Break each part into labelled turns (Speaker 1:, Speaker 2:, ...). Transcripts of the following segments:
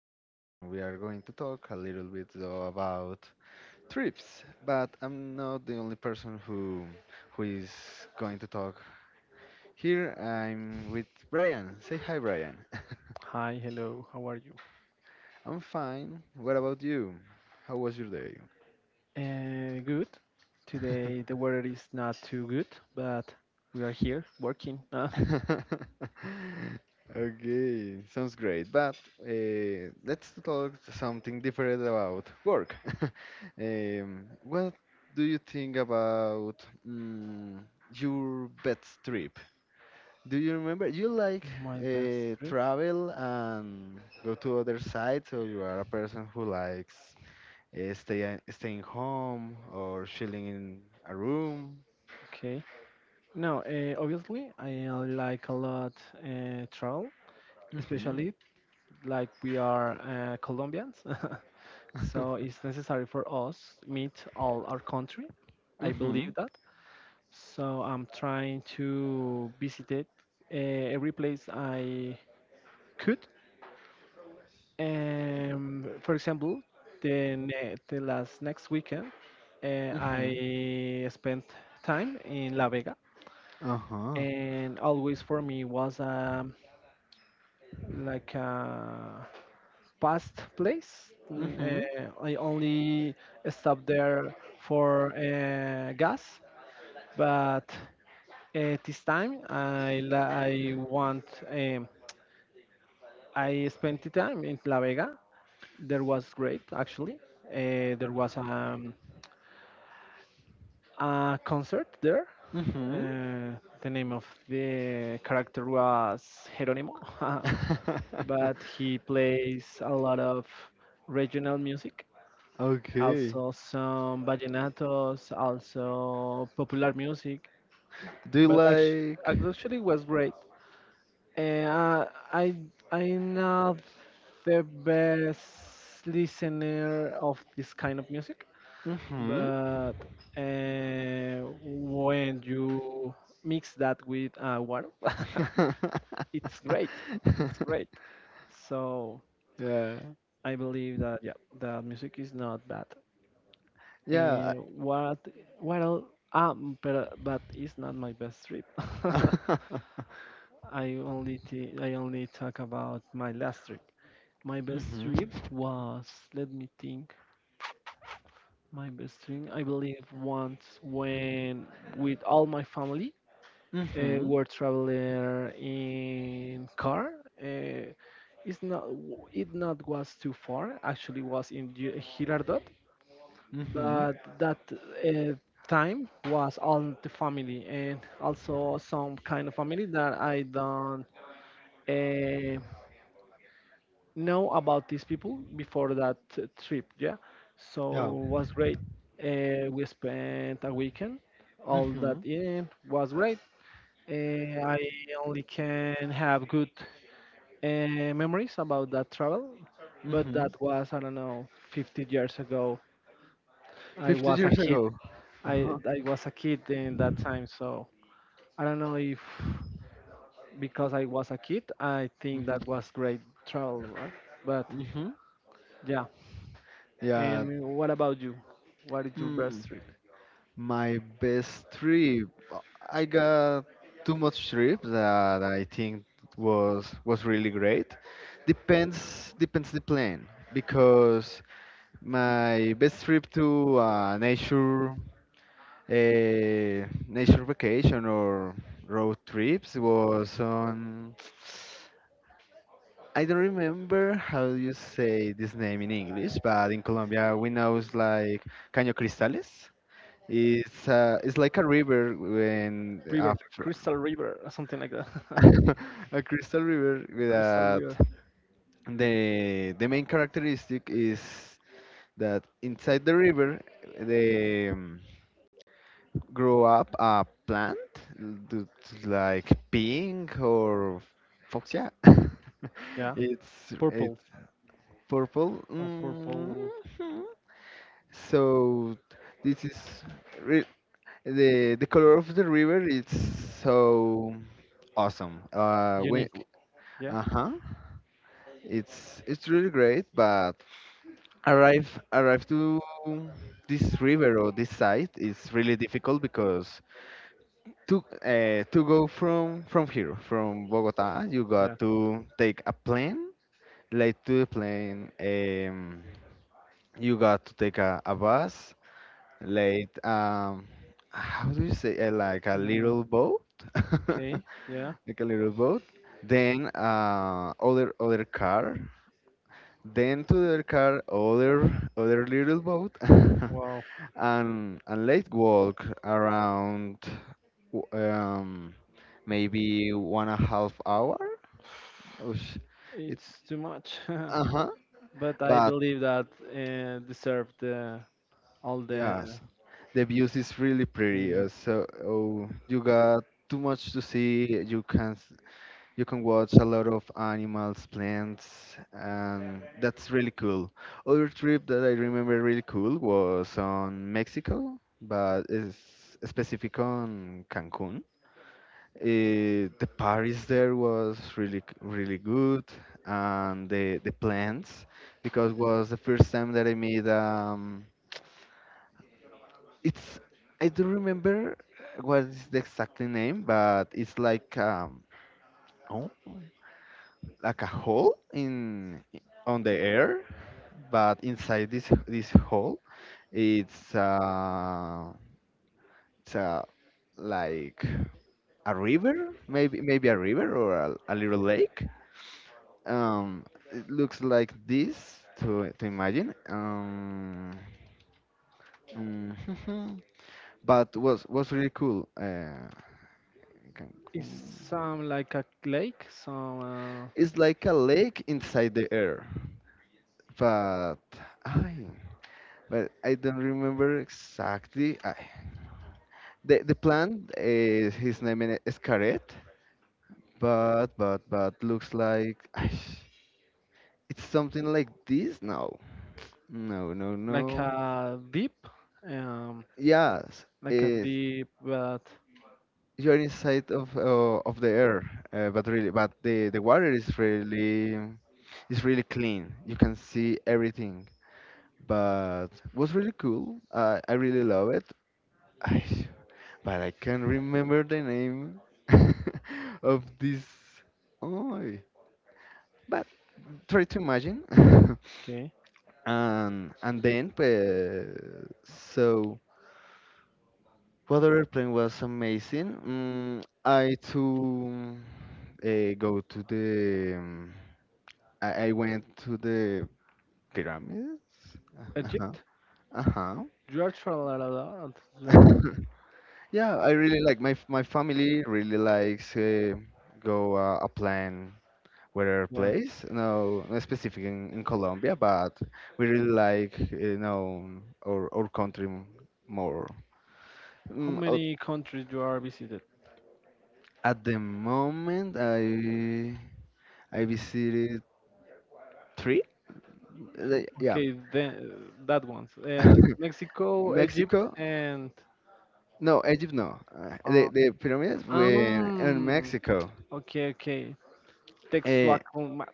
Speaker 1: podcast, and we are going to talk a little bit though about trips. But I'm not the only person who is going to talk here. I'm with Brian. Say hi, Brian.
Speaker 2: Hi, hello, how are you?
Speaker 1: I'm fine. What about you? How was your day?
Speaker 2: Good. Today the weather is not too good, but we are here working
Speaker 1: Okay, sounds great. But let's talk something different about work. What do you think about your best trip? Do you remember? You like
Speaker 2: my best trip.
Speaker 1: travel and go to other sites, or you are a person who likes staying home or chilling in a room?
Speaker 2: Okay. Now, obviously I like a lot travel,
Speaker 1: Mm-hmm.
Speaker 2: especially like we are Colombians, so it's necessary for us meet all our country. I believe
Speaker 1: Mm-hmm.
Speaker 2: that. So I'm trying to visit it, every place I could. For example, the last next weekend,
Speaker 1: Mm-hmm.
Speaker 2: I spent time in La Vega,
Speaker 1: Uh-huh.
Speaker 2: and always for me was like a past place.
Speaker 1: Mhm.
Speaker 2: I only stopped there for gas, but this time I want, I spent the time in La Vega. There was great actually. There was a concert there.
Speaker 1: Mhm.
Speaker 2: Uh, the name of the character was Jerónimo, but he plays a lot of regional music,
Speaker 1: Okay.
Speaker 2: also some vallenatos, also popular music.
Speaker 1: Do you
Speaker 2: But
Speaker 1: like?
Speaker 2: actually it was great. And I I'm not the best listener of this kind of music.
Speaker 1: Mhm.
Speaker 2: But when you mix that with water, it's great. It's great. So
Speaker 1: Yeah.
Speaker 2: I believe that, yeah, the music is not bad.
Speaker 1: Yeah.
Speaker 2: And what else? But it's not my best trip. I only talk about my last trip. My best
Speaker 1: Mhm.
Speaker 2: trip was, let me think. My best trip, I believe, once when with all my family
Speaker 1: Mhm.
Speaker 2: were traveler in car. Uh, it's not w- it not was too far. Actually, was in Girardot,
Speaker 1: Mhm.
Speaker 2: but that time was all the family and also some kind of family that I don't uh, know about these people before that trip. Yeah, so
Speaker 1: Yeah.
Speaker 2: was great. We spent a weekend. All that
Speaker 1: Mhm.
Speaker 2: in was great. I only can have good uh, memories about that travel, but
Speaker 1: Mhm.
Speaker 2: that was, I don't know, 50 years ago. I
Speaker 1: Fifty
Speaker 2: was a
Speaker 1: years
Speaker 2: kid.
Speaker 1: ago.
Speaker 2: I
Speaker 1: Uh-huh.
Speaker 2: I was a kid in that time, so I don't know if because I was a kid, I think
Speaker 1: Mhm.
Speaker 2: that was great travel, right? But
Speaker 1: Mhm.
Speaker 2: yeah.
Speaker 1: Yeah.
Speaker 2: And what about you? What is your best trip?
Speaker 1: My best trip. I got too much trips that I think was really great. Depends the plan, because my best trip to nature vacation or road trips was on, I don't remember how you say this name in English, but in Colombia we know it's like Caño Cristales. It's like a river when
Speaker 2: River,
Speaker 1: after
Speaker 2: Crystal River, or something like that.
Speaker 1: a crystal river
Speaker 2: Crystal River.
Speaker 1: that the main characteristic is that inside the river they grow up a plant that's like pink or fuchsia.
Speaker 2: Yeah.
Speaker 1: It's
Speaker 2: Purple.
Speaker 1: it's purple. Mhm.
Speaker 2: Purple.
Speaker 1: So this is re the color of the river is so awesome. When
Speaker 2: Unique. Yeah.
Speaker 1: uh huh, it's really great. But arrive arrive to this river or this site is really difficult because to go from here from Bogota, you
Speaker 2: Yeah.
Speaker 1: got to take a plane. Late to the plane, you got to take a bus. Late, how do you say, like a
Speaker 2: Uh,
Speaker 1: little boat?
Speaker 2: okay. Yeah.
Speaker 1: Like a little boat, then other car, then to the other car, other little boat,
Speaker 2: Wow.
Speaker 1: and let's walk around w- um, maybe one and a half hour. Oosh, it's,
Speaker 2: It's too much.
Speaker 1: uh-huh,
Speaker 2: But I
Speaker 1: but
Speaker 2: believe that deserve the all the
Speaker 1: yes, the views is really
Speaker 2: the
Speaker 1: pretty.
Speaker 2: view.
Speaker 1: So, oh, you got too much to see. You can watch a lot of animals, plants, and that's really cool. Other trip that I remember really cool was on Mexico, but it's specific on Cancun. The Paris there was really good, and the plants because was the first time that I made it's I don't remember what is the exact name, but it's like oh. Like a hole in on the air, but inside this hole, it's uh, it's like a river, maybe a river or a little lake. Um, it looks like this to imagine. Mm, but was really cool.
Speaker 2: It's
Speaker 1: Cancun.
Speaker 2: some like a lake, some
Speaker 1: It's like a lake inside the air, but I I don't remember exactly. The plant, is his name in it is Karet, but but looks like Aish, it's something like this. No, no, no,
Speaker 2: like
Speaker 1: no.
Speaker 2: a deep, um,
Speaker 1: Yes,
Speaker 2: like a deep. But
Speaker 1: you're inside of the air, but really, but the water is really clean. You can see everything. But was really cool. I really love it. Aish, but I can't remember the name of this. Oh. Try to imagine.
Speaker 2: okay,
Speaker 1: And then so water other plane was amazing? Mm, I too go to the I went to the pyramids. Uh-huh.
Speaker 2: Egypt.
Speaker 1: Uh-huh.
Speaker 2: You are traveled a lot. You are,
Speaker 1: Yeah, I really like my family really likes go a plane where
Speaker 2: yeah.
Speaker 1: place no specific in Colombia, but we really like our country more.
Speaker 2: How
Speaker 1: Mm, o-
Speaker 2: many countries you are visited?
Speaker 1: at the moment I visited three. Yeah.
Speaker 2: Okay, then that one's Mexico, Egypt,
Speaker 1: Mexico.
Speaker 2: and
Speaker 1: No, Egypt. No,
Speaker 2: uh,
Speaker 1: the pyramids were in
Speaker 2: um.
Speaker 1: Mexico.
Speaker 2: Okay, okay,
Speaker 1: Eh,
Speaker 2: Texuacoma,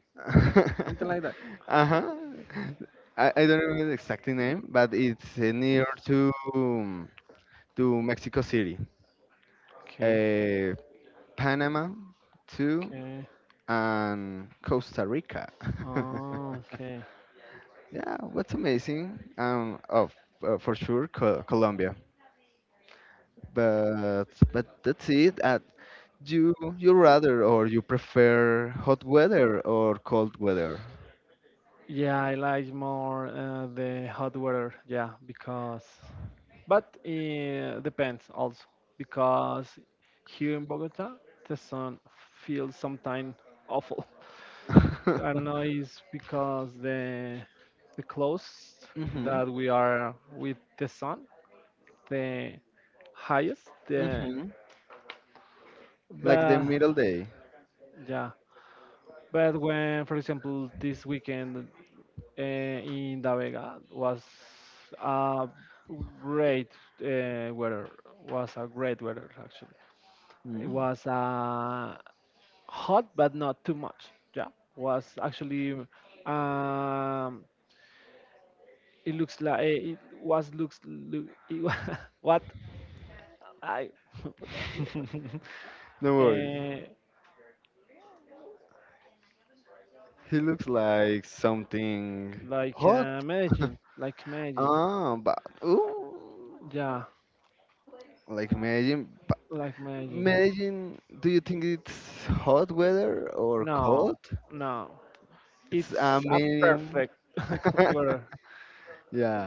Speaker 2: something like that.
Speaker 1: uh-huh. I don't remember the exact name, but it's near to Mexico City.
Speaker 2: Okay,
Speaker 1: uh, Panama too,
Speaker 2: okay,
Speaker 1: and Costa Rica.
Speaker 2: oh, okay.
Speaker 1: Yeah, what's amazing. Oh, for sure, Colombia. But but that's it. You rather or you prefer hot weather or cold weather?
Speaker 2: Yeah, I like more the hot weather. Yeah, because, but it depends also because here in Bogota the sun feels sometimes awful. I don't know, it's because the close
Speaker 1: Mhm.
Speaker 2: that we are with the sun, the highest. The,
Speaker 1: Mhm. Like the
Speaker 2: but
Speaker 1: middle day.
Speaker 2: yeah, but when, for example, this weekend in Da Vega was a great weather. Was a great weather actually. It
Speaker 1: Mm.
Speaker 2: was hot, but not too much. Yeah, was actually. Um, it looks like it was looks. Look, what I
Speaker 1: Don't worry.
Speaker 2: Uh,
Speaker 1: He looks like something
Speaker 2: like
Speaker 1: hot.
Speaker 2: Medellin, like Medellin.
Speaker 1: Ah, but ooh.
Speaker 2: Yeah,
Speaker 1: Like Medellin, but
Speaker 2: like Medellin.
Speaker 1: Medellin, do you think it's hot weather or cold?
Speaker 2: No, no.
Speaker 1: It's a
Speaker 2: It's a
Speaker 1: medium.
Speaker 2: perfect weather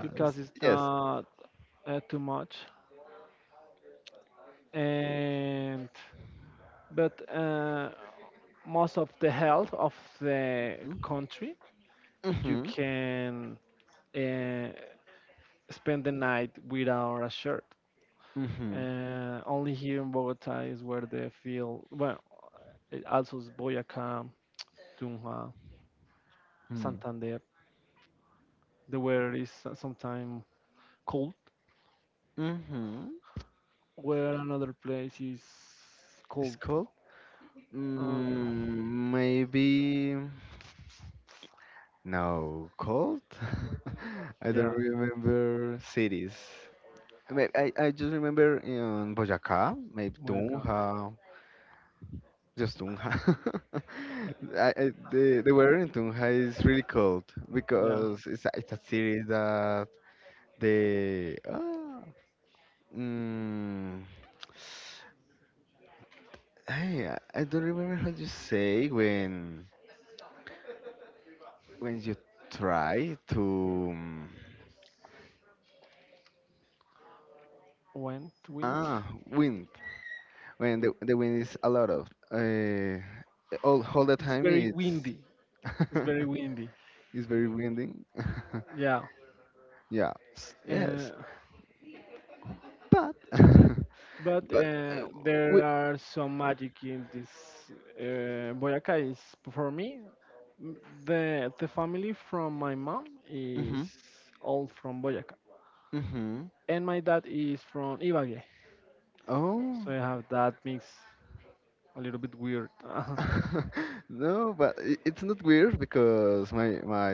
Speaker 2: because it's
Speaker 1: yes.
Speaker 2: not too much. And but most of the health of the country, you
Speaker 1: Mm-hmm.
Speaker 2: can uh, spend the night without a shirt.
Speaker 1: Mm-hmm.
Speaker 2: Only here in Bogota is where they feel well. It also is Boyacá, Tunja,
Speaker 1: Mm.
Speaker 2: Santander. The weather is sometimes cold,
Speaker 1: Mm-hmm.
Speaker 2: where another place is cold.
Speaker 1: It's cold?
Speaker 2: Uh,
Speaker 1: Mm, maybe. No, cold? I
Speaker 2: yeah,
Speaker 1: don't remember cities. I mean, I just remember in Boyacá, maybe
Speaker 2: Boyacá.
Speaker 1: Tunja. Just Tunja. The weather in Tunja is really cold,
Speaker 2: Yeah,
Speaker 1: because it's a city that the ah mm, hey, I don't remember how you say when you try to
Speaker 2: wind.
Speaker 1: ah wind. When the wind is a lot of all the
Speaker 2: It's
Speaker 1: time,
Speaker 2: very
Speaker 1: it's
Speaker 2: windy. It's very windy.
Speaker 1: it's very winding.
Speaker 2: Yeah.
Speaker 1: Yeah,
Speaker 2: Uh,
Speaker 1: yes, but
Speaker 2: but
Speaker 1: But
Speaker 2: uh, there
Speaker 1: we,
Speaker 2: are some magic in this Boyacá. Is for me m- the family from my mom is
Speaker 1: mhm,
Speaker 2: all from Boyacá,
Speaker 1: mhm.
Speaker 2: and my dad is from Ibagué.
Speaker 1: Oh.
Speaker 2: So you have that mix a little bit weird.
Speaker 1: No, but it's not weird because my my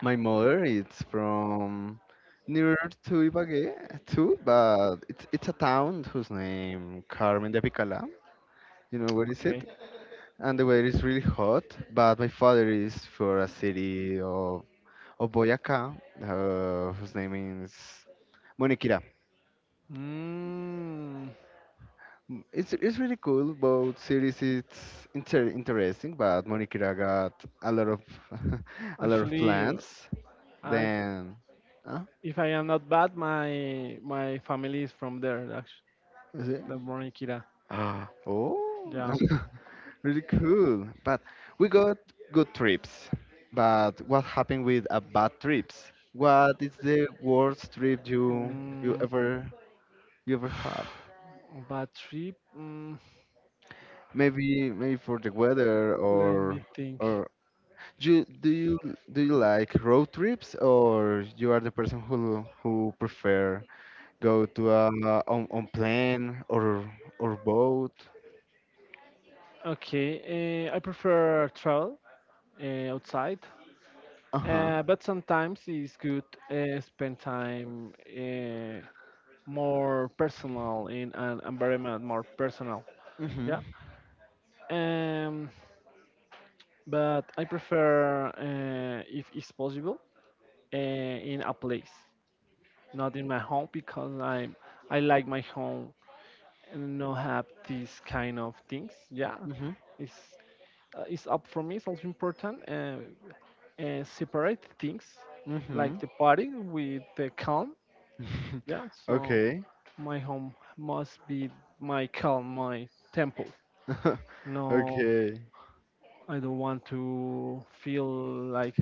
Speaker 1: my mother is from near to Ibagué too, but it's a town whose name Carmen de Apicalá. You know where is it?
Speaker 2: Okay.
Speaker 1: And the weather is really hot. But my father is for a city of Boyacá, whose name is Moniquirá.
Speaker 2: Mm,
Speaker 1: It's really cool. Both series it's interesting, but Monikira got a lot of a lot of
Speaker 2: actually,
Speaker 1: plans.
Speaker 2: I
Speaker 1: Then, uh,
Speaker 2: if I am not bad, my family is from there. Actually,
Speaker 1: is it?
Speaker 2: the Bornikira.
Speaker 1: Ah, oh,
Speaker 2: Yeah.
Speaker 1: really cool. But we got good trips. But what happened with a bad trips? What is the worst trip you you
Speaker 2: Um,
Speaker 1: ever you ever have?
Speaker 2: bad trip.
Speaker 1: Maybe for the weather,
Speaker 2: Let me
Speaker 1: or
Speaker 2: think.
Speaker 1: or You do you you like road trips, or you are the person who prefer go to on plane or boat?
Speaker 2: Okay. I prefer travel outside,
Speaker 1: Uh-huh.
Speaker 2: but sometimes it's good spend time more personal in an environment more personal.
Speaker 1: Mhm.
Speaker 2: Yeah. Um, but I prefer, if it's possible, in a place, not in my home, because I like my home and not have these kind of things. Yeah,
Speaker 1: Mhm.
Speaker 2: it's it's up for me. It's also important separate things, like
Speaker 1: Mhm.
Speaker 2: the party with the calm. Yeah, so okay.
Speaker 1: Okay.
Speaker 2: My home must be my calm, my temple. No,
Speaker 1: Okay.
Speaker 2: I don't want to feel like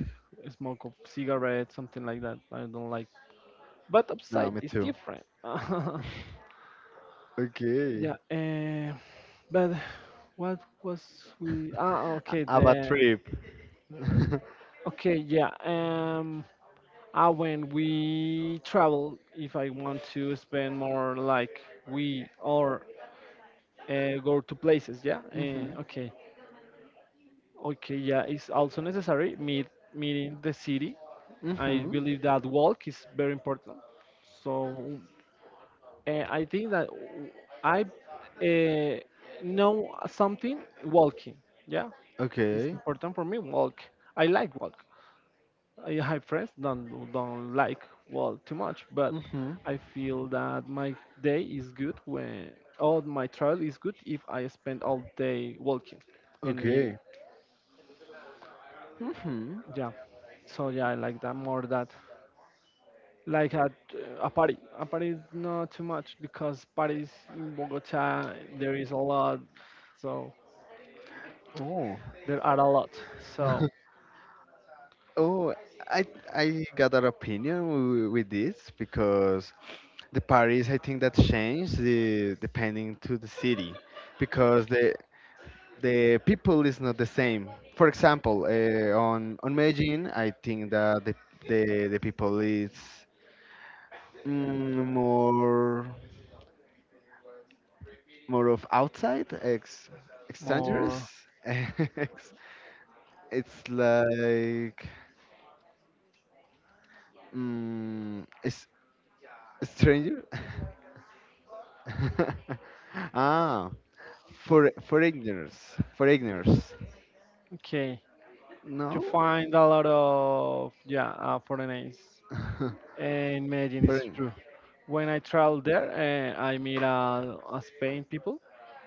Speaker 2: a smoke of cigarette, something like that. I don't like. But
Speaker 1: No,
Speaker 2: upside
Speaker 1: me
Speaker 2: is
Speaker 1: too.
Speaker 2: different.
Speaker 1: Okay.
Speaker 2: Yeah. But what was we? Ah, okay.
Speaker 1: Have a
Speaker 2: The
Speaker 1: trip.
Speaker 2: okay. Yeah. When we travel, if I want to spend more, like we or go to places. Yeah.
Speaker 1: Mhm.
Speaker 2: Okay. Okay. Yeah. It's also necessary meeting the city. I
Speaker 1: Mhm.
Speaker 2: believe that walk is very important. So I think that I uh, know something walking. Yeah, it's
Speaker 1: Okay.
Speaker 2: important for me. Walk. I like walk. I have friends don't like walk too much, but
Speaker 1: Mhm.
Speaker 2: I feel that my day is good when all my travel is good if I spend all day walking and meeting.
Speaker 1: Okay. Mhm.
Speaker 2: Yeah. So yeah, I like that more that. Like at a party. A party is not too much because parties in Bogota there is a lot, so
Speaker 1: Oh.
Speaker 2: there are a lot. So
Speaker 1: Oh, I I got an opinion with this because the Paris, I think that, changed the, depending to the city, because the people is not the same. For example, on Medellin, I think that the people is mm, more more of outside ex extrangerous.
Speaker 2: more
Speaker 1: Ex- it's like it's stranger. ah, for foreigners.
Speaker 2: okay. You
Speaker 1: No.
Speaker 2: find a lot of, yeah, foreigners, and Medellin is
Speaker 1: Foreign.
Speaker 2: true. When I traveled there, I meet a Spain people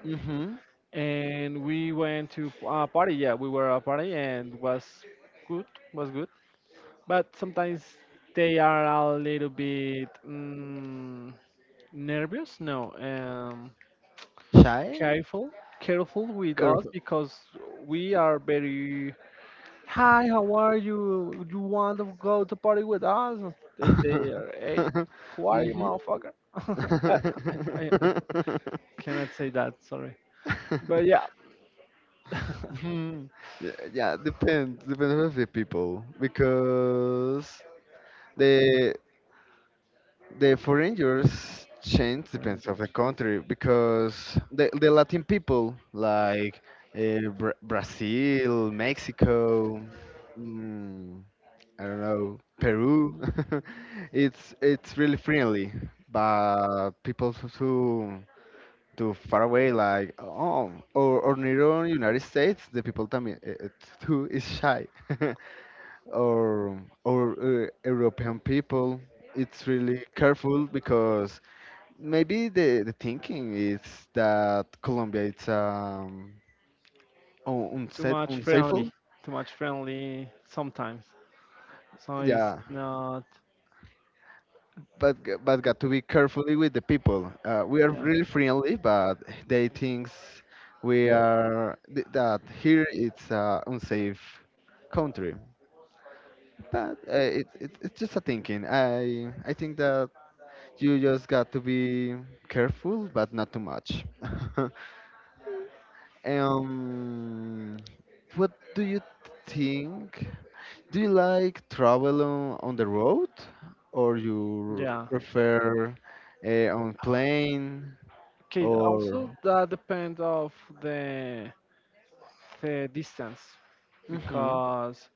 Speaker 1: Mhm.
Speaker 2: and we went to a party. Yeah, we were a party and was good, was good. But sometimes they are a little bit. Nervous, no,
Speaker 1: Shy,
Speaker 2: careful careful with us
Speaker 1: careful.
Speaker 2: because we are very hi how are you would you want to go to party with us they are hey who are you
Speaker 1: Mhm.
Speaker 2: motherfucker I, I cannot say that sorry but yeah
Speaker 1: Hmm. Yeah, yeah, depends. Depends on the people because the the foreigners change
Speaker 2: Orange
Speaker 1: depends of the
Speaker 2: George.
Speaker 1: country, because the Latin people like Brazil, Mexico, mm, I don't know, Peru. It's really friendly, but people who too far away like oh or near United States, the people también too is shy. or or European people it's really careful, because maybe the thinking is that Colombia it's
Speaker 2: too
Speaker 1: unsafe,
Speaker 2: much
Speaker 1: unsafe.
Speaker 2: friendly too much friendly sometimes so it's
Speaker 1: Yeah,
Speaker 2: not.
Speaker 1: but got to be carefully with the people. We are
Speaker 2: Yeah.
Speaker 1: really friendly, but they thinks we are that here it's a unsafe country. But it's just a thinking. I think that you just got to be careful, but not too much. um, what do you think? Do you like travel on the road, or you
Speaker 2: Yeah.
Speaker 1: prefer on plane,
Speaker 2: Okay,
Speaker 1: or
Speaker 2: also that depends of the the distance
Speaker 1: mm-hmm,
Speaker 2: because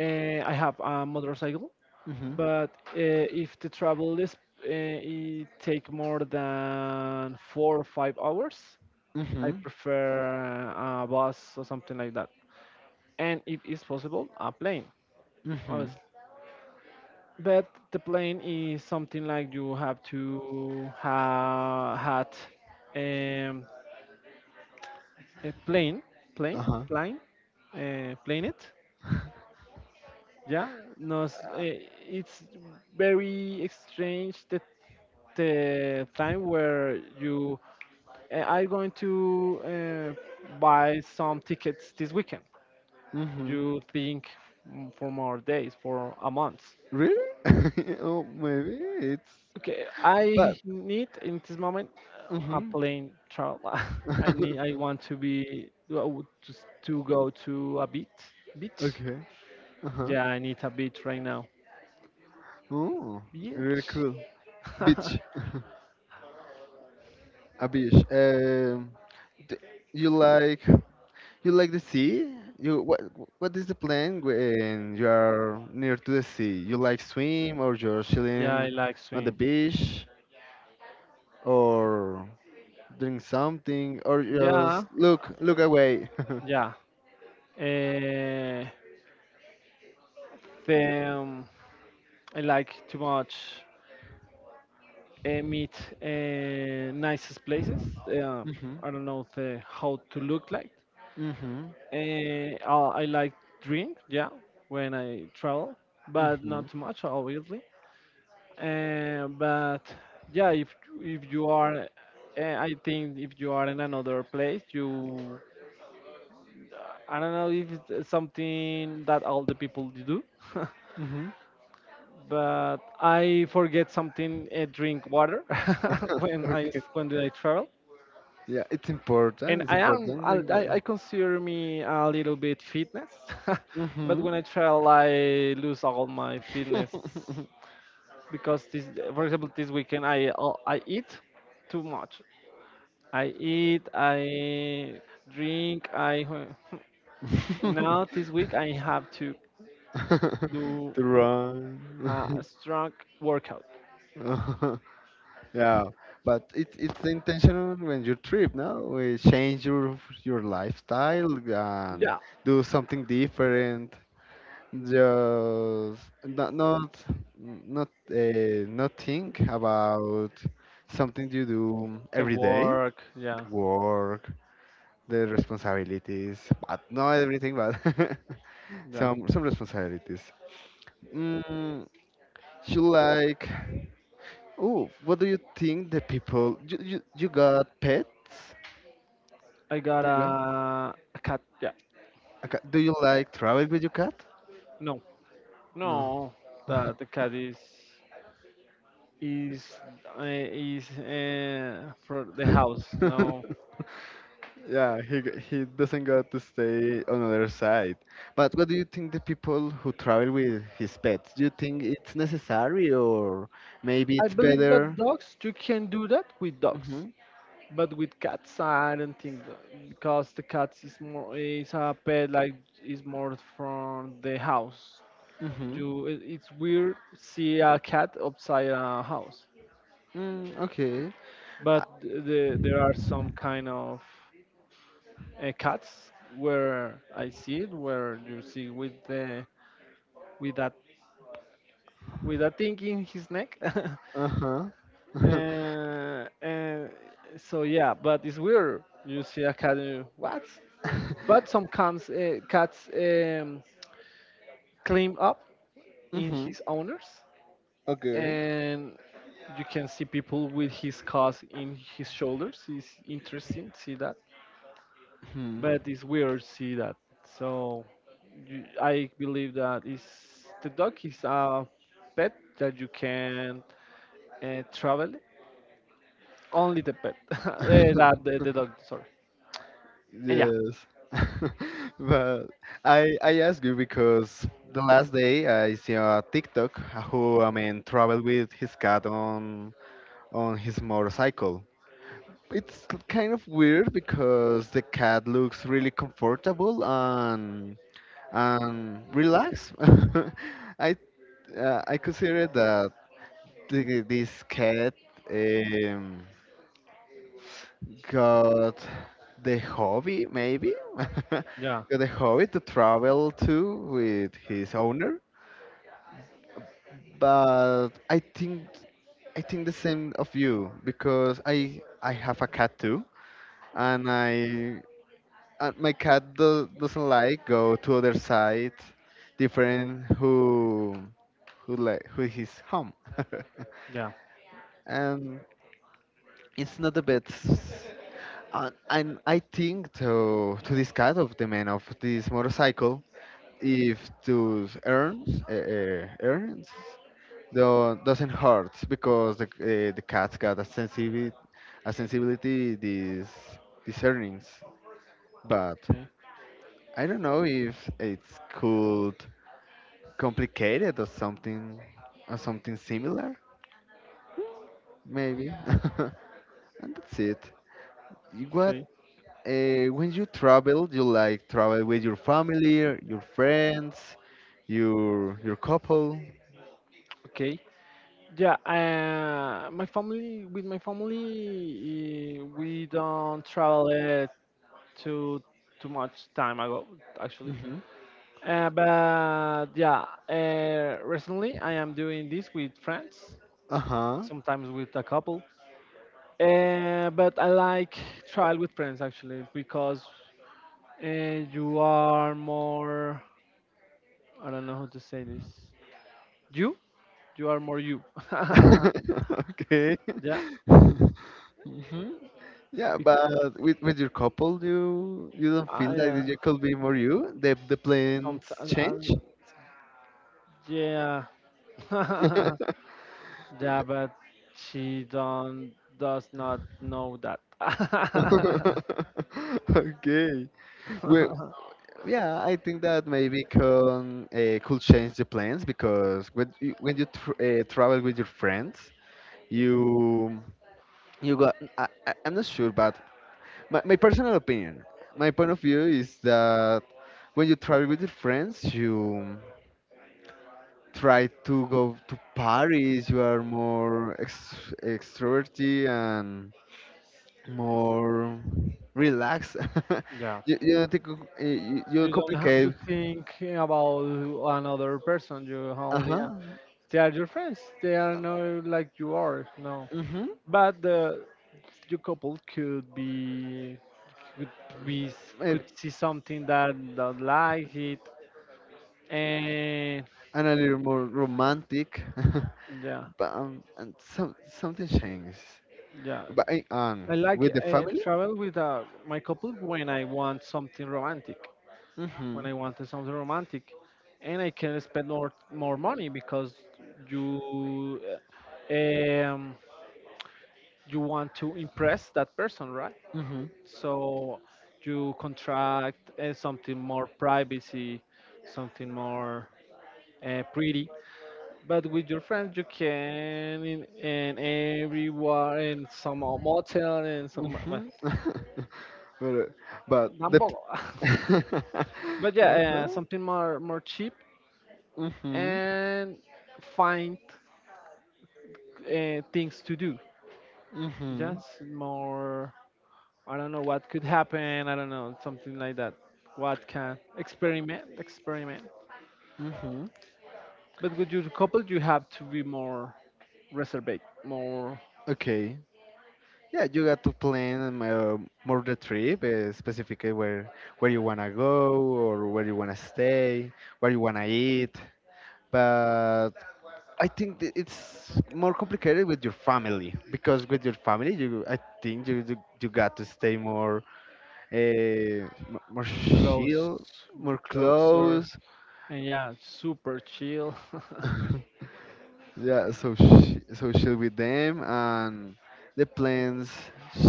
Speaker 2: I have a motorcycle,
Speaker 1: mm-hmm,
Speaker 2: but if the travel is it take more than 4 or 5 hours, I
Speaker 1: mm-hmm,
Speaker 2: prefer a bus or something like that. And if it's possible, a plane.
Speaker 1: mm-hmm,
Speaker 2: But the plane is something like you have to ha had um, a plane, plane,
Speaker 1: uh-huh,
Speaker 2: plane, planet. Yeah, no, it's very strange the time where you are going to buy some tickets this weekend.
Speaker 1: mm-hmm.
Speaker 2: You think, for more days, for a month.
Speaker 1: Really? Oh, maybe it's,
Speaker 2: Okay,
Speaker 1: but
Speaker 2: I need in this moment a
Speaker 1: mm-hmm.
Speaker 2: plane travel. I need. I want to be well, just to go to a beach. Beach.
Speaker 1: Okay, uh-huh.
Speaker 2: Yeah, I need a beach right now.
Speaker 1: Oh, really
Speaker 2: Beach.
Speaker 1: cool. Beach, a beach. D You like? You like the sea? You what? What is the plan when you are near to the sea? You like swim or you're
Speaker 2: Yeah, I
Speaker 1: chilling
Speaker 2: like
Speaker 1: on the
Speaker 2: swim.
Speaker 1: beach, or doing something, or
Speaker 2: Yeah,
Speaker 1: just look away?
Speaker 2: yeah. Uh, the I like too much meet uh, nicest places. Uh,
Speaker 1: Hmm,
Speaker 2: I don't know the, how to look like.
Speaker 1: hmm,
Speaker 2: Eh, I I like drink, yeah, when I travel, but
Speaker 1: hmm,
Speaker 2: not too much, obviously. But yeah, if you are, I think if you are in another place, you, I don't know if it's something that all the people do,
Speaker 1: hmm.
Speaker 2: but I forget something, drink water when I
Speaker 1: Okay.
Speaker 2: when I travel.
Speaker 1: Yeah, it's
Speaker 2: And
Speaker 1: important. It's
Speaker 2: I am
Speaker 1: important thing,
Speaker 2: I consider me a little bit fitness, but
Speaker 1: mm-hmm.
Speaker 2: when I travel, I lose all my fitness because this, for example, this weekend I eat too much. I eat, I drink, I now this week I have to do
Speaker 1: to
Speaker 2: a
Speaker 1: run.
Speaker 2: strong workout.
Speaker 1: Yeah, but it's intentional when you trip, no? We change your lifestyle and
Speaker 2: Yeah,
Speaker 1: do something different. Just not think about something you do
Speaker 2: the
Speaker 1: every day,
Speaker 2: work. Yeah,
Speaker 1: the work, the responsibilities, but not everything, but
Speaker 2: yeah.
Speaker 1: some responsibilities. Mm, you like. Oh, what do you think the people you got pets?
Speaker 2: I got
Speaker 1: Do you got
Speaker 2: a cat. Yeah.
Speaker 1: a cat? Do you
Speaker 2: Eh,
Speaker 1: like travel with your cat?
Speaker 2: no,
Speaker 1: No.
Speaker 2: no, the cat is. is is for the house. No,
Speaker 1: Yeah, he doesn't got to stay on other side. But what do you think the people who travel with his pets? Do you think it's necessary, or maybe
Speaker 2: I
Speaker 1: it's
Speaker 2: believe that
Speaker 1: better?
Speaker 2: dogs you can do that with dogs,
Speaker 1: Mhm.
Speaker 2: but with cats I don't think so, because the cats is more is a pet like is more from the house.
Speaker 1: Mhm.
Speaker 2: You it's weird see a cat outside a house,
Speaker 1: Mm, okay.
Speaker 2: but the, there are some kind of cats where I see it where you see with the with that with that thing in his neck.
Speaker 1: Uh-huh.
Speaker 2: And so yeah, but it's weird. You see a cat, and you, what? But some cats, clean up in
Speaker 1: Mhm.
Speaker 2: his owners,
Speaker 1: Okay.
Speaker 2: and you can see people with his cause in his shoulders. It's interesting to see that,
Speaker 1: Hmm.
Speaker 2: but it's weird to see that. So you, I believe that is the dog is a pet that you can travel only the pet. That the dog. Sorry. And yeah.
Speaker 1: Yes. But I ask you because the last day I see a TikTok who, I mean, traveled with his cat on his motorcycle. It's kind of weird because the cat looks really comfortable and relaxed. I I consider that this cat um, got the hobby, maybe, got
Speaker 2: Yeah.
Speaker 1: the hobby to travel to with his owner. But I think the same of you because I have a cat too, and I and my cat doesn't like go to other side, different who like who is home,
Speaker 2: Yeah.
Speaker 1: and it's not the best. And I think to this cat of the man of this motorcycle, if those earns earns doesn't hurt because the cat's got a sensibility a sensibility these these earnings, but
Speaker 2: Okay.
Speaker 1: I don't know if it's could complicated or something similar maybe, and that's it. What
Speaker 2: Okay.
Speaker 1: When you travel, you like travel with your family, your friends, your couple.
Speaker 2: Okay. Yeah. My family with my family, we don't travel too too much time ago actually.
Speaker 1: Hmm
Speaker 2: But yeah, recently I am doing this with friends,
Speaker 1: Uh huh.
Speaker 2: sometimes with a couple. But I like travel with friends actually because uh, you are more. I don't know how to say this. You, you are more you.
Speaker 1: Okay.
Speaker 2: Yeah.
Speaker 1: hmm Yeah,
Speaker 2: Bec-
Speaker 1: but with your couple, you don't feel
Speaker 2: I
Speaker 1: like that you could be more you. The plans
Speaker 2: sometimes I,
Speaker 1: change.
Speaker 2: yeah. Yeah, but she don't does not know that.
Speaker 1: Okay. Well, yeah, I think that maybe can could change the plans because when you tr travel with your friends, you you got I'm not sure but my personal opinion my point of view is that when you travel with your friends you try to go to paris you are more extroverted and more relaxed
Speaker 2: Yeah,
Speaker 1: you don't you don't
Speaker 2: you don't have
Speaker 1: complicate
Speaker 2: to think about another person you only
Speaker 1: uh-huh
Speaker 2: have. They are your friends they are not like you are, no,
Speaker 1: mm-hmm
Speaker 2: but the your couple could be could be
Speaker 1: maybe
Speaker 2: could see something that don't like it. And
Speaker 1: and a little more romantic
Speaker 2: yeah,
Speaker 1: but and something changes.
Speaker 2: yeah,
Speaker 1: But
Speaker 2: I like
Speaker 1: with the family?
Speaker 2: travel with my couple when I want something romantic,
Speaker 1: Mm-hmm.
Speaker 2: when I wanted something romantic, and I can spend more money because you uh, um, you want to impress that person, right?
Speaker 1: Mm-hmm.
Speaker 2: So you contract something more privacy, something more pretty. But with your friends, you can in everywhere in some motel and some well,
Speaker 1: Mm-hmm. but, uh, but the
Speaker 2: tampoco. But yeah,
Speaker 1: uh-huh.
Speaker 2: something more cheap,
Speaker 1: Mm-hmm.
Speaker 2: and find things to do.
Speaker 1: Mm-hmm.
Speaker 2: Just more. I don't know what could happen. I don't know something like that. What can experiment, experiment.
Speaker 1: Mm-hmm.
Speaker 2: But with your couple, you have to be more reserved, more
Speaker 1: Okay. Yeah, you got to plan more the trip, specifically where you wanna go or where you wanna stay, where you wanna eat. But I think that it's more complicated with your family because with your family, you I think you got to stay more more
Speaker 2: close,
Speaker 1: chill, more
Speaker 2: closer,
Speaker 1: close.
Speaker 2: and yeah, super chill.
Speaker 1: Yeah, so chill with them, and the plans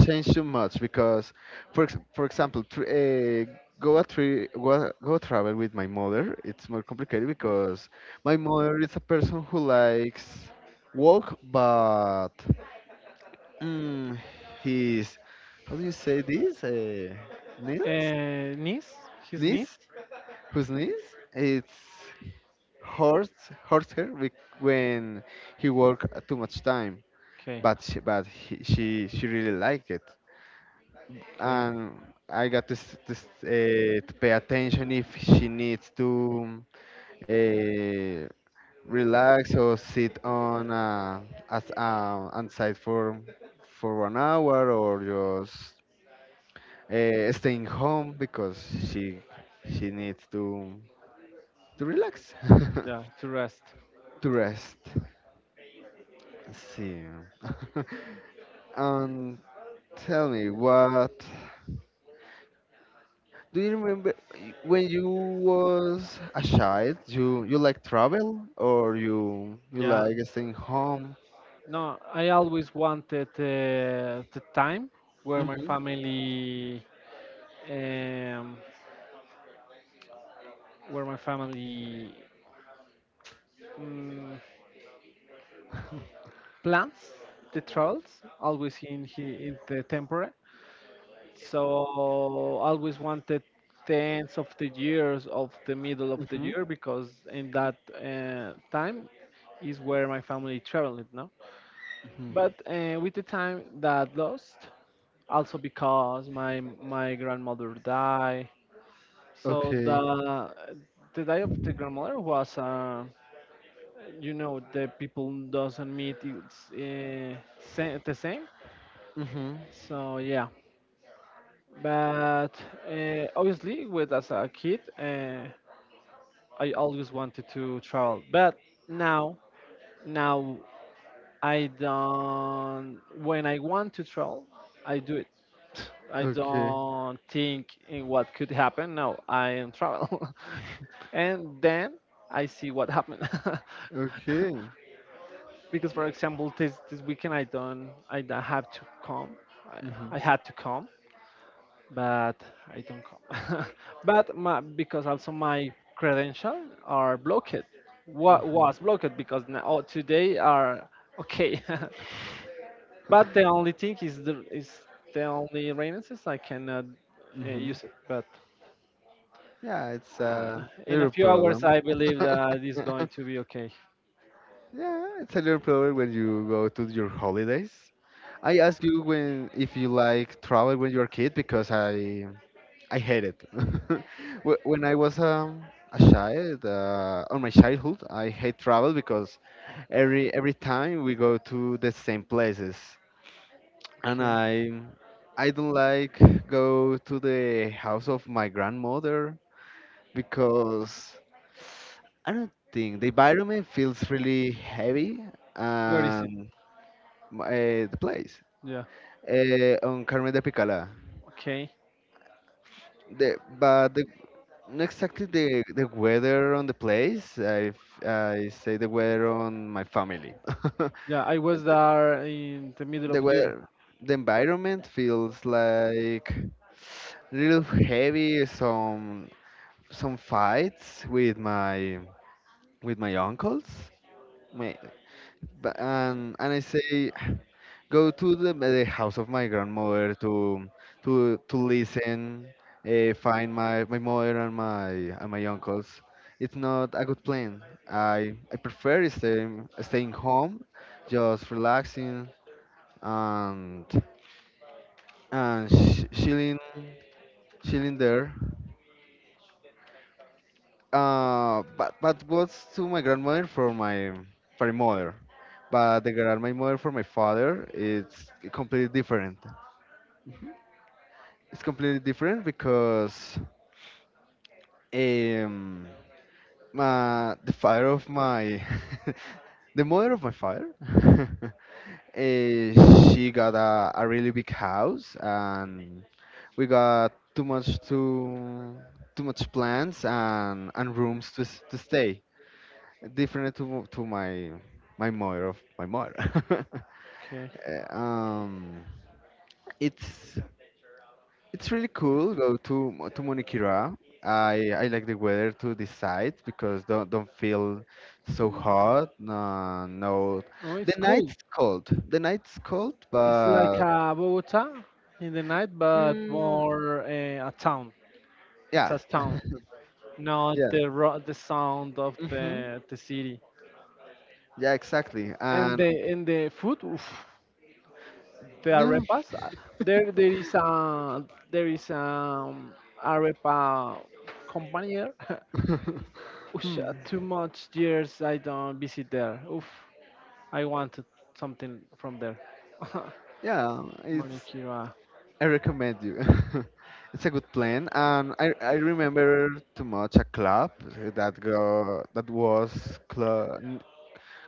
Speaker 1: change too much because, for example, go travel with my mother. It's more complicated because my mother is a person who likes walk, but mm, he's how do you say this? Knees?
Speaker 2: uh, niece, his niece.
Speaker 1: Niece? Whose niece? It's hurts her when he work too much time
Speaker 2: Okay,
Speaker 1: but he, she really liked it
Speaker 2: okay,
Speaker 1: and I got to pay attention if she needs to uh, relax or sit on as on site for 1 hour or just staying home because she she needs to relax
Speaker 2: yeah, to rest.
Speaker 1: to rest see. and tell me what do you remember when you was a child? You like travel or you
Speaker 2: Yeah,
Speaker 1: like staying home?
Speaker 2: no, I always wanted the time where my
Speaker 1: Mhm.
Speaker 2: family um, where my family um, plans the travels always in he, in the temporary. So always wanted the ends of the years of the middle of the
Speaker 1: Mhm.
Speaker 2: year because in that time is where my family traveled now.
Speaker 1: Mhm.
Speaker 2: But with the time that lost, also because my grandmother died. So
Speaker 1: Okay.
Speaker 2: the day of the grandmother was, the people doesn't meet it's, the same.
Speaker 1: Mhm.
Speaker 2: So yeah, but obviously, with as a kid, I always wanted to travel. But now, now I don't. When I want to travel, I do it. I
Speaker 1: Okay.
Speaker 2: don't think in what could happen. No, I am travel. And then I see what happened.
Speaker 1: Okay.
Speaker 2: Because for example, this weekend I don't have to come. I,
Speaker 1: Mhm.
Speaker 2: I had to come, but I don't come. But my, because also my credential are blocked. What
Speaker 1: Mhm.
Speaker 2: was blocked because now, oh, today are okay. But the only thing is the only references I cannot
Speaker 1: Mhm.
Speaker 2: use it. But
Speaker 1: Yeah, it's
Speaker 2: uh,
Speaker 1: a
Speaker 2: in a
Speaker 1: little
Speaker 2: few hours,
Speaker 1: problem.
Speaker 2: I believe that it's going to be okay.
Speaker 1: Yeah, it's a little problem when you go to your holidays. I asked you when if you like travel when you were a kid because I hate it. When I was a child, on my childhood, I hate travel because every time we go to the same places, and
Speaker 2: Okay,
Speaker 1: I don't like go to the house of my grandmother because I don't think the environment feels really heavy
Speaker 2: where is it?
Speaker 1: and the place
Speaker 2: Yeah.
Speaker 1: on Carmen de Picala.
Speaker 2: Okay.
Speaker 1: But the, not exactly the weather on the place. I, I say the weather on my family.
Speaker 2: Yeah, I was there in the middle
Speaker 1: The
Speaker 2: of year.
Speaker 1: weather, the environment feels like little heavy. Some fights with my uncles. My but, and I say, go to the house of my grandmother to to listen, find my mother and my uncles. It's not a good plan. I prefer staying home, just relaxing and chilling chilling there. But was to my grandmother for my mother, but the grandmother for my father it's completely different. It's completely different because um my the father of my the mother of my father eh, she got a really big house and we got too much to too much plants and rooms to stay different to my my mother of my mother.
Speaker 2: Okay.
Speaker 1: Uh, um, it's it's really cool go to to Munikira. I like the weather to this side because don't feel
Speaker 2: It's,
Speaker 1: so hot. No, no.
Speaker 2: oh,
Speaker 1: The
Speaker 2: it's cool.
Speaker 1: night's cold. The night's cold,
Speaker 2: It's like
Speaker 1: but
Speaker 2: Bogota in the night, but
Speaker 1: mm,
Speaker 2: more a town. It's a
Speaker 1: yes,
Speaker 2: town, not
Speaker 1: yeah.
Speaker 2: the ro- the sound of
Speaker 1: hmm
Speaker 2: the city.
Speaker 1: Yeah, exactly.
Speaker 2: And
Speaker 1: And
Speaker 2: the food, oof, the arepas. There is a there is arepa company there. Ush,
Speaker 1: Hmm.
Speaker 2: too much years I don't visit there. Oof. I wanted something from there.
Speaker 1: Yeah, it's
Speaker 2: Manicura.
Speaker 1: I recommend you. It's a good plan, and I remember too much a club that go that was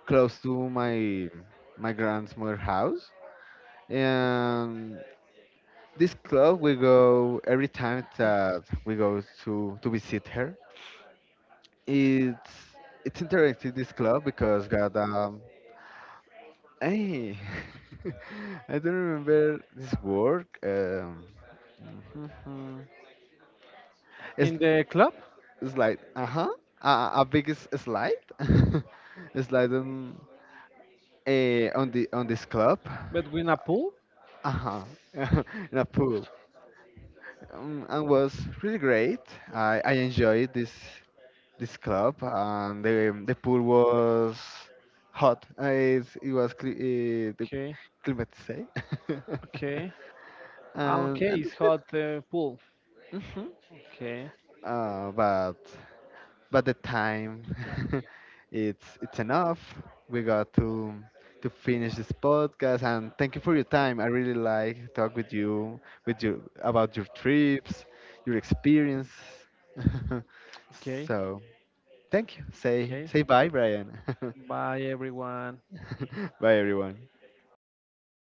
Speaker 1: close to my my grandmother house, and this club we go every time that we go to visit her. It's it's interesting this club because got hey I don't remember this word. it's
Speaker 2: In the club?
Speaker 1: slide. Uh huh. A big slide. Slide on, eh, on the on this club.
Speaker 2: But with a pool?
Speaker 1: Uh huh. In a pool. And was really great. I enjoyed this club and the pool was hot. It was cli the
Speaker 2: Okay.
Speaker 1: climate say.
Speaker 2: Okay. Ah,
Speaker 1: and
Speaker 2: okay,
Speaker 1: and
Speaker 2: it's
Speaker 1: that's it.
Speaker 2: hot pool.
Speaker 1: Hmm
Speaker 2: Okay.
Speaker 1: Uh, but but the time it's enough. We got to finish this podcast and thank you for your time. I really like to talk with you about your trips, your experience.
Speaker 2: Okay.
Speaker 1: So thank you.
Speaker 2: Okay.
Speaker 1: Say bye, Brian.
Speaker 2: Bye everyone.
Speaker 1: Bye everyone.